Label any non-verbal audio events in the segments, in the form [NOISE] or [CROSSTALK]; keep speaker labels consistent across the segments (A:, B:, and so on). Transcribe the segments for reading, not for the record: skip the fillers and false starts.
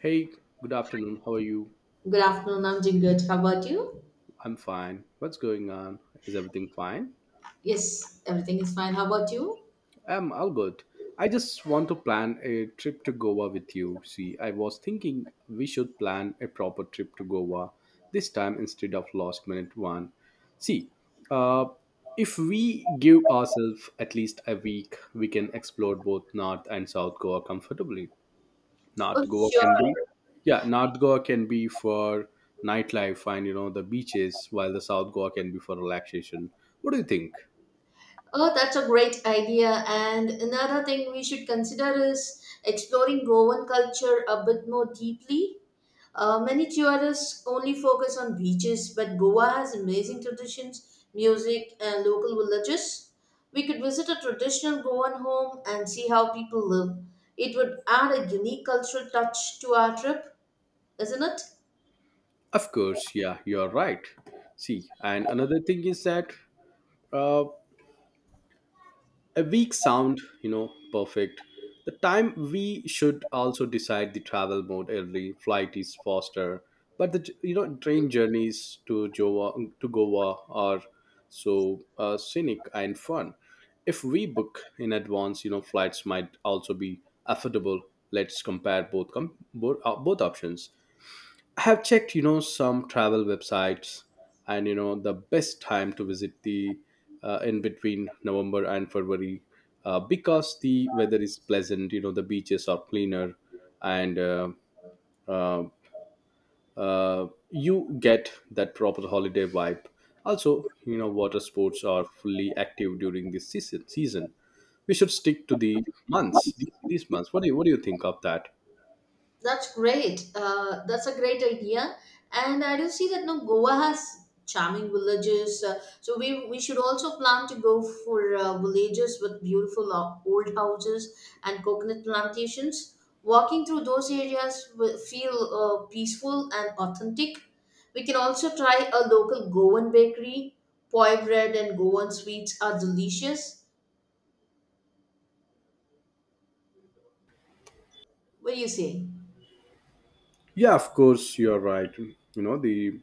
A: Hey, good afternoon. How are you?
B: Good afternoon, I'm Jingrit. How about you?
A: I'm fine. What's going on? Is everything fine?
B: Yes, everything is fine. How about you?
A: I'm all good. I just want to plan a trip to Goa with you. See, I was thinking we should plan a proper trip to Goa this time instead of last minute one. See, uh, if we give ourselves at least a week, we can explore both North and South Goa comfortably.
B: Oh,
A: North Goa can
B: sure.
A: be, yeah, North Goa can be for nightlife and the beaches, while the South Goa can be for relaxation. What do you think?
B: Oh, that's a great idea. And another thing we should consider is exploring Goan culture a bit more deeply. Many tourists only focus on beaches, but Goa has amazing traditions, music, and local villages. We could visit a traditional Goan home and see how people live. It would add a unique cultural touch to our trip, isn't it?
A: Of course, yeah, you're right. See, and another thing is that uh, a week sound perfect. The time we should also decide the travel mode. Early flight is faster, but the train journeys to Goa are so scenic and fun. If we book in advance, flights might also be affordable. Let's compare both options. I have checked, some travel websites, and the best time to visit the in between November and February, because the weather is pleasant. The beaches are cleaner, and uh, you get that proper holiday vibe. Also, water sports are fully active during this season. We should stick to the months. These months. What do you think of that?
B: That's great. That's a great idea. And I do see that no Goa has charming villages. So we should also plan to go for villages with beautiful old houses and coconut plantations. Walking through those areas will feel peaceful and authentic. We can also try a local Goan bakery. Poi bread and Goan sweets are delicious. What do you say?
A: Yeah, of course, you're right. You know the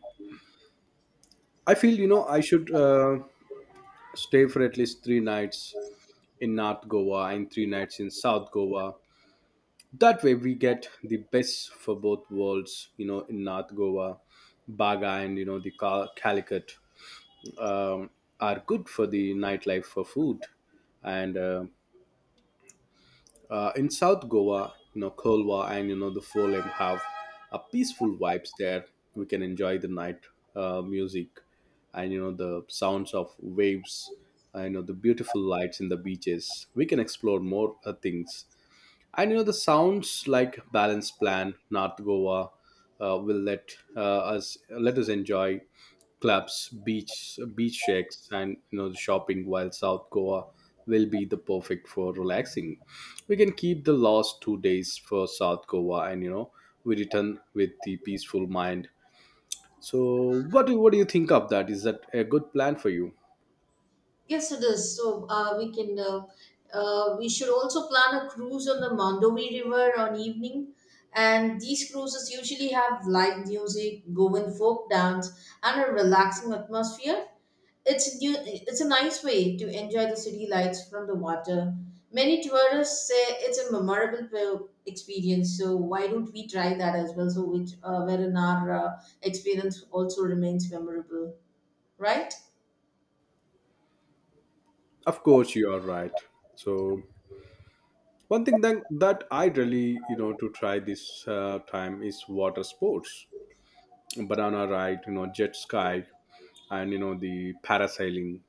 A: I feel I should stay for at least 3 nights in North Goa and 3 nights in South Goa. That way we get the best for both worlds. In North Goa, Baga and the Calicut um, are good for the nightlife, for food, and in South Goa, Kolwa and the Folem have a peaceful vibes there. We can enjoy the night music and the sounds of waves. And the beautiful lights in the beaches. We can explore more things, and the sounds like balanced plan. North Goa will let us enjoy clubs, beach shacks, and the shopping. While South Goa will be the perfect for relaxing. We can keep the last 2 days for South Goa, and we return with the peaceful mind. So, what do you think of that? Is that a good plan for you?
B: Yes, it is. So we should also plan a cruise on the Mandovi River on evening, and these cruises usually have live music, Goan folk dance, and a relaxing atmosphere. It's new, it's a nice way to enjoy the city lights from the water. Many tourists say it's a memorable experience. So why don't we try that as well? So which wherein our experience also remains memorable, right?
A: Of course, you are right. So, one thing that I really, to try this time is water sports, banana ride, jet ski, and the parasailing.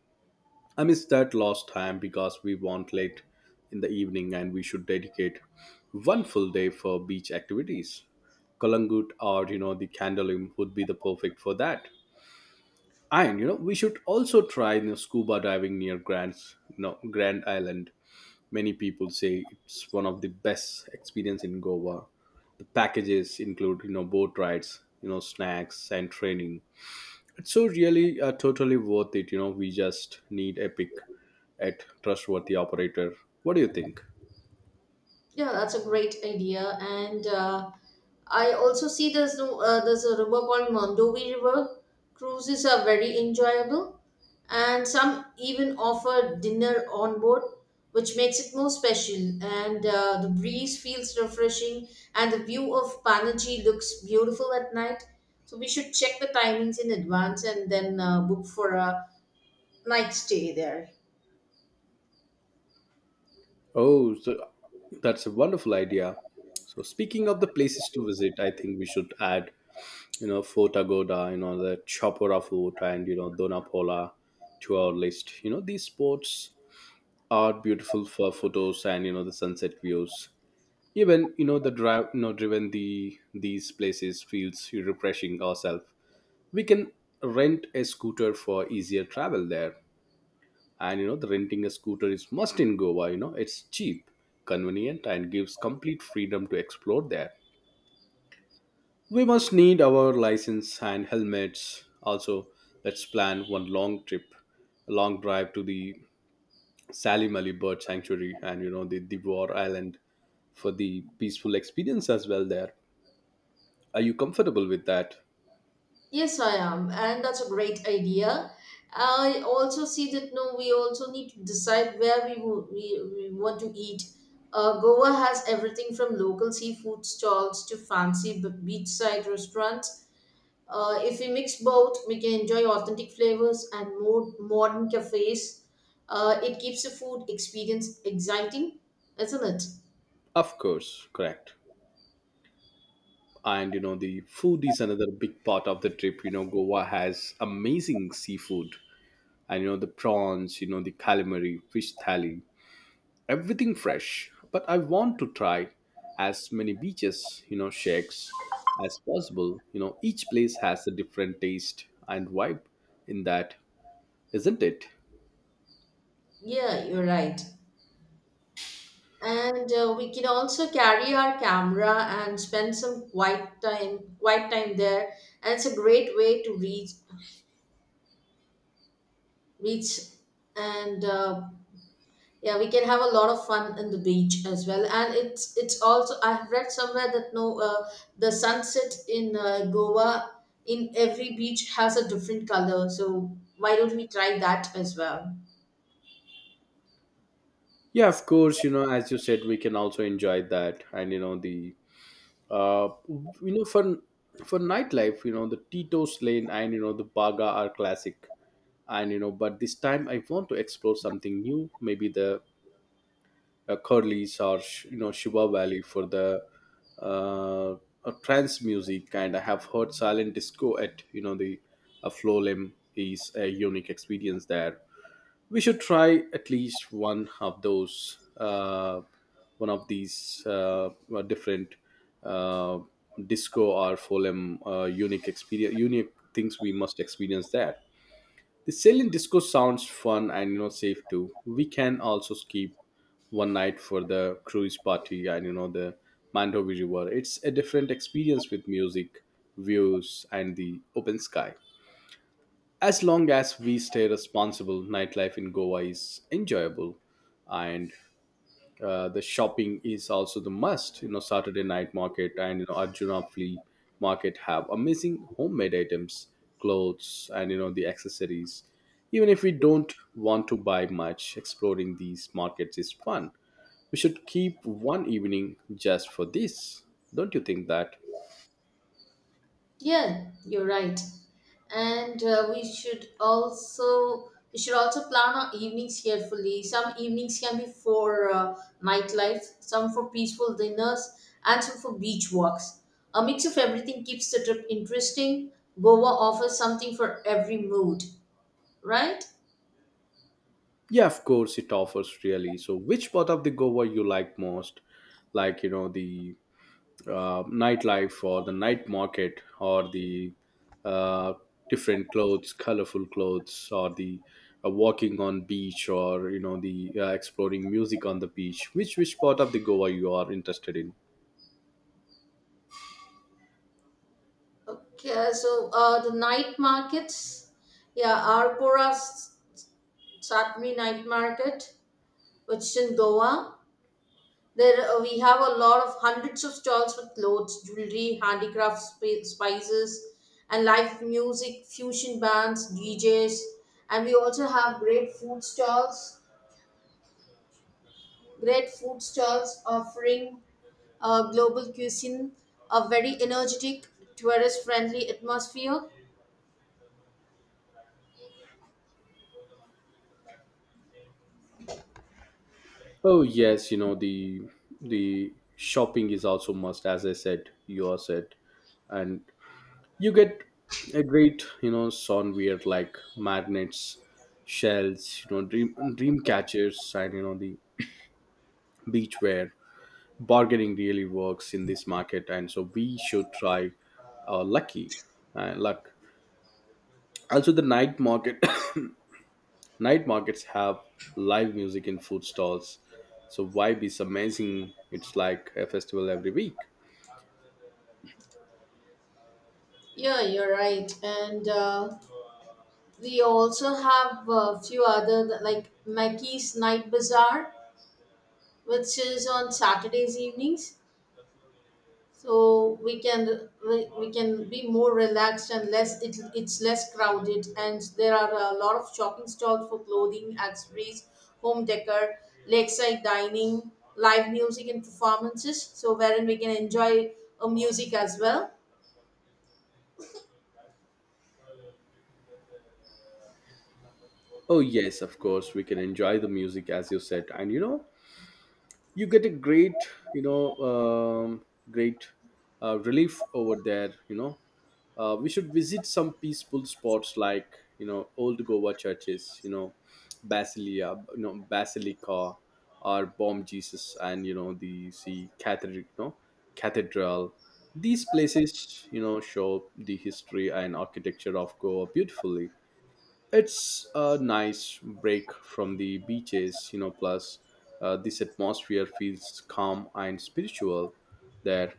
A: I missed that last time because we went late in the evening, and we should dedicate one full day for beach activities. Kalangut or the Candolim would be the perfect for that. And we should also try, scuba diving near Grand Island. Many people say it's one of the best experience in Goa. The packages include, boat rides, snacks and training. It's so really totally worth it. We just need a pick at trustworthy operator. What do you think?
B: Yeah, that's a great idea. And I also see there's no, there's a river called Mondovi River. Cruises are very enjoyable, and some even offer dinner on board, which makes it more special. And the breeze feels refreshing, and the view of Panaji looks beautiful at night. So we should check the timings in advance and then book for a night stay there.
A: Oh, so that's a wonderful idea. So speaking of the places to visit, I think we should add, Fort Agoda, the Chapora Fort, and Donapola to our list. These sports are beautiful for photos, and the sunset views. Even the drive, driven these places feels refreshing ourselves. We can rent a scooter for easier travel there. And the renting a scooter is must in Goa. It's cheap, convenient, and gives complete freedom to explore there. We must need our license and helmets also. Let's plan one long trip, a long drive to the Salim Ali Bird Sanctuary and the Dibwar Island for the peaceful experience as well there. Are you comfortable with that?
B: Yes, I am, and that's a great idea. I also see that no, we also need to decide where we want to eat. Goa has everything from local seafood stalls to fancy beachside restaurants. If we mix both, we can enjoy authentic flavors and more modern cafes. It keeps the food experience exciting, isn't it?
A: Of course, correct. And the food is another big part of the trip. Goa has amazing seafood and the prawns, the calamari, fish thali, everything fresh. But I want to try as many beaches, shacks as possible. Each place has a different taste and vibe in that, isn't it?
B: Yeah, you're right. And we can also carry our camera and spend some quiet time there, and it's a great way to reach. And yeah, we can have a lot of fun in the beach as well, and it's also I've read somewhere that no, the sunset in Goa in every beach has a different color, so why don't we try that as well?
A: Yeah, of course, as you said, we can also enjoy that. And the uh you know for for nightlife, the Tito's Lane and the Baga are classic. But this time I want to explore something new, maybe the Curly's or Shiva Valley for the uh, trance music. And I have heard silent disco at the Flow Limb is a unique experience there. We should try at least one of these different uh, disco or folem unique things we must experience there. The salient disco sounds fun and safe too. We can also skip one night for the cruise party and the Mandovi River. It's a different experience with music, views, and the open sky. As long as we stay responsible, nightlife in Goa is enjoyable, and the shopping is also the must. Saturday night market and Arjuna flea market have amazing homemade items, clothes, and the accessories. Even if we don't want to buy much, exploring these markets is fun. We should keep one evening just for this. Don't you think that?
B: Yeah, you're right. And we should also plan our evenings carefully. Some evenings can be for nightlife, some for peaceful dinners, and some for beach walks. A mix of everything keeps the trip interesting. Goa offers something for every mood, right?
A: Yeah, of course it offers really. So, which part of the Goa you like most? Like the nightlife, or the night market, or the uh, different clothes, colorful clothes, or the walking on beach, or the exploring music on the beach. Which part of the Goa you are interested in?
B: Okay, the night markets, yeah, Arpora Satmi Night Market, which is in Goa. There we have a lot of hundreds of stalls with clothes, jewelry, handicrafts, spices, and live music, fusion bands, DJs, and we also have great food stalls. Great food stalls offering global cuisine, a very energetic, tourist-friendly atmosphere.
A: Oh yes, the shopping is also must, as I said, you are said, and you get a great, soundware like magnets, shells, dream catchers, and the beachware. Bargaining really works in this market, and so we should try our luck. Also, the night market [COUGHS] night markets have live music in food stalls. So vibe is amazing. It's like a festival every week.
B: Yeah, you're right. And we also have a few other like Mackey's Night Bazaar, which is on Saturdays evenings. So we can be more relaxed and less, it's less crowded, and there are a lot of shopping stalls for clothing, accessories, home decor, lakeside dining, live music, and performances, so wherein we can enjoy a music as well.
A: Oh yes, of course we can enjoy the music as you said, and you get a great, you know um, great relief over there. We should visit some peaceful spots like old Goa churches, basilia basilica or Bom Jesus, and the see cathedral, cathedral these places show the history and architecture of Goa beautifully. It's a nice break from the beaches, plus this atmosphere feels calm and spiritual. That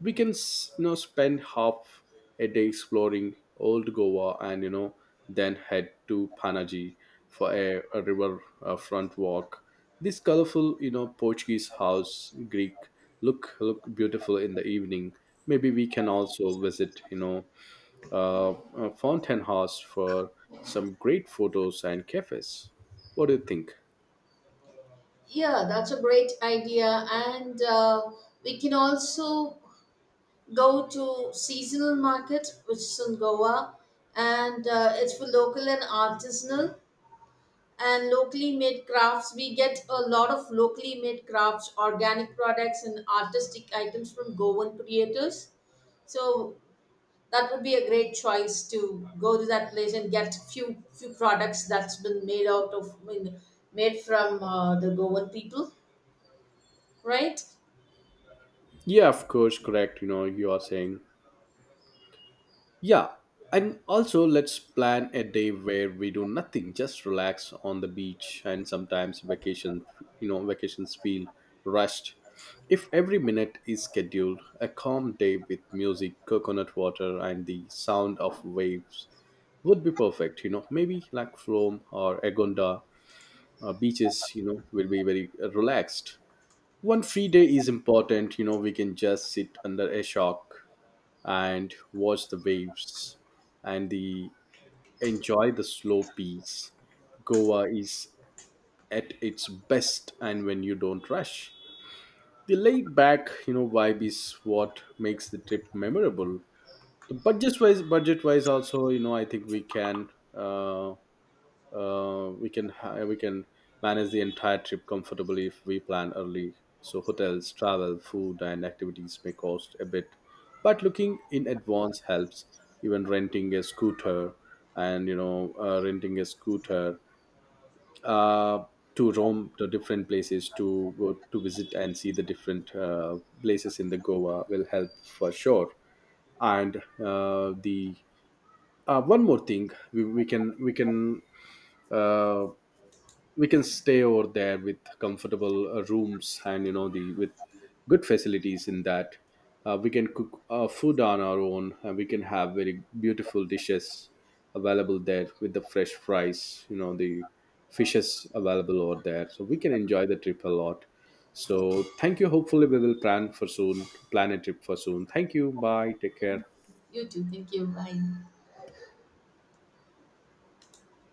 A: we can, spend half a day exploring old Goa, and then head to Panaji for a river front walk. This colorful, Portuguese house, Greek, look beautiful in the evening. Maybe we can also visit, Fountain House for some great photos and cafes. What do you think?
B: Yeah, that's a great idea. And we can also go to seasonal market, which is in Goa. And it's for local and artisanal and locally made crafts. We get a lot of locally made crafts, organic products, and artistic items from Goan creators. So that would be a great choice, to go to that place and get few products that's been made out of, I mean, made from the Goan people, right?
A: Yeah, of course, correct. You are saying, yeah. And also, let's plan a day where we do nothing, just relax on the beach. And sometimes vacations feel rushed. If every minute is scheduled, a calm day with music, coconut water, and the sound of waves would be perfect. Maybe like Flom or Agonda beaches will be very relaxed. One free day is important. We can just sit under a shock and watch the waves and the enjoy the slow peace. Goa is at its best, and when you don't rush, the laid back vibe is what makes the trip memorable. The budget wise Budget wise also, I think we can uh, we can manage the entire trip comfortably if we plan early. So hotels, travel, food, and activities may cost a bit, but looking in advance helps. Even renting a scooter, and renting a scooter uh, to roam the different places to go to visit, and see the different places in the Goa will help for sure. And the one more thing, uh, we can stay over there with comfortable rooms and the with good facilities in that. We can cook food on our own, and we can have very beautiful dishes available there with the fresh fries, the fishes available over there, so we can enjoy the trip a lot. So thank you, hopefully we will plan a trip for soon. Thank you, bye, take care.
B: You too, thank you, bye.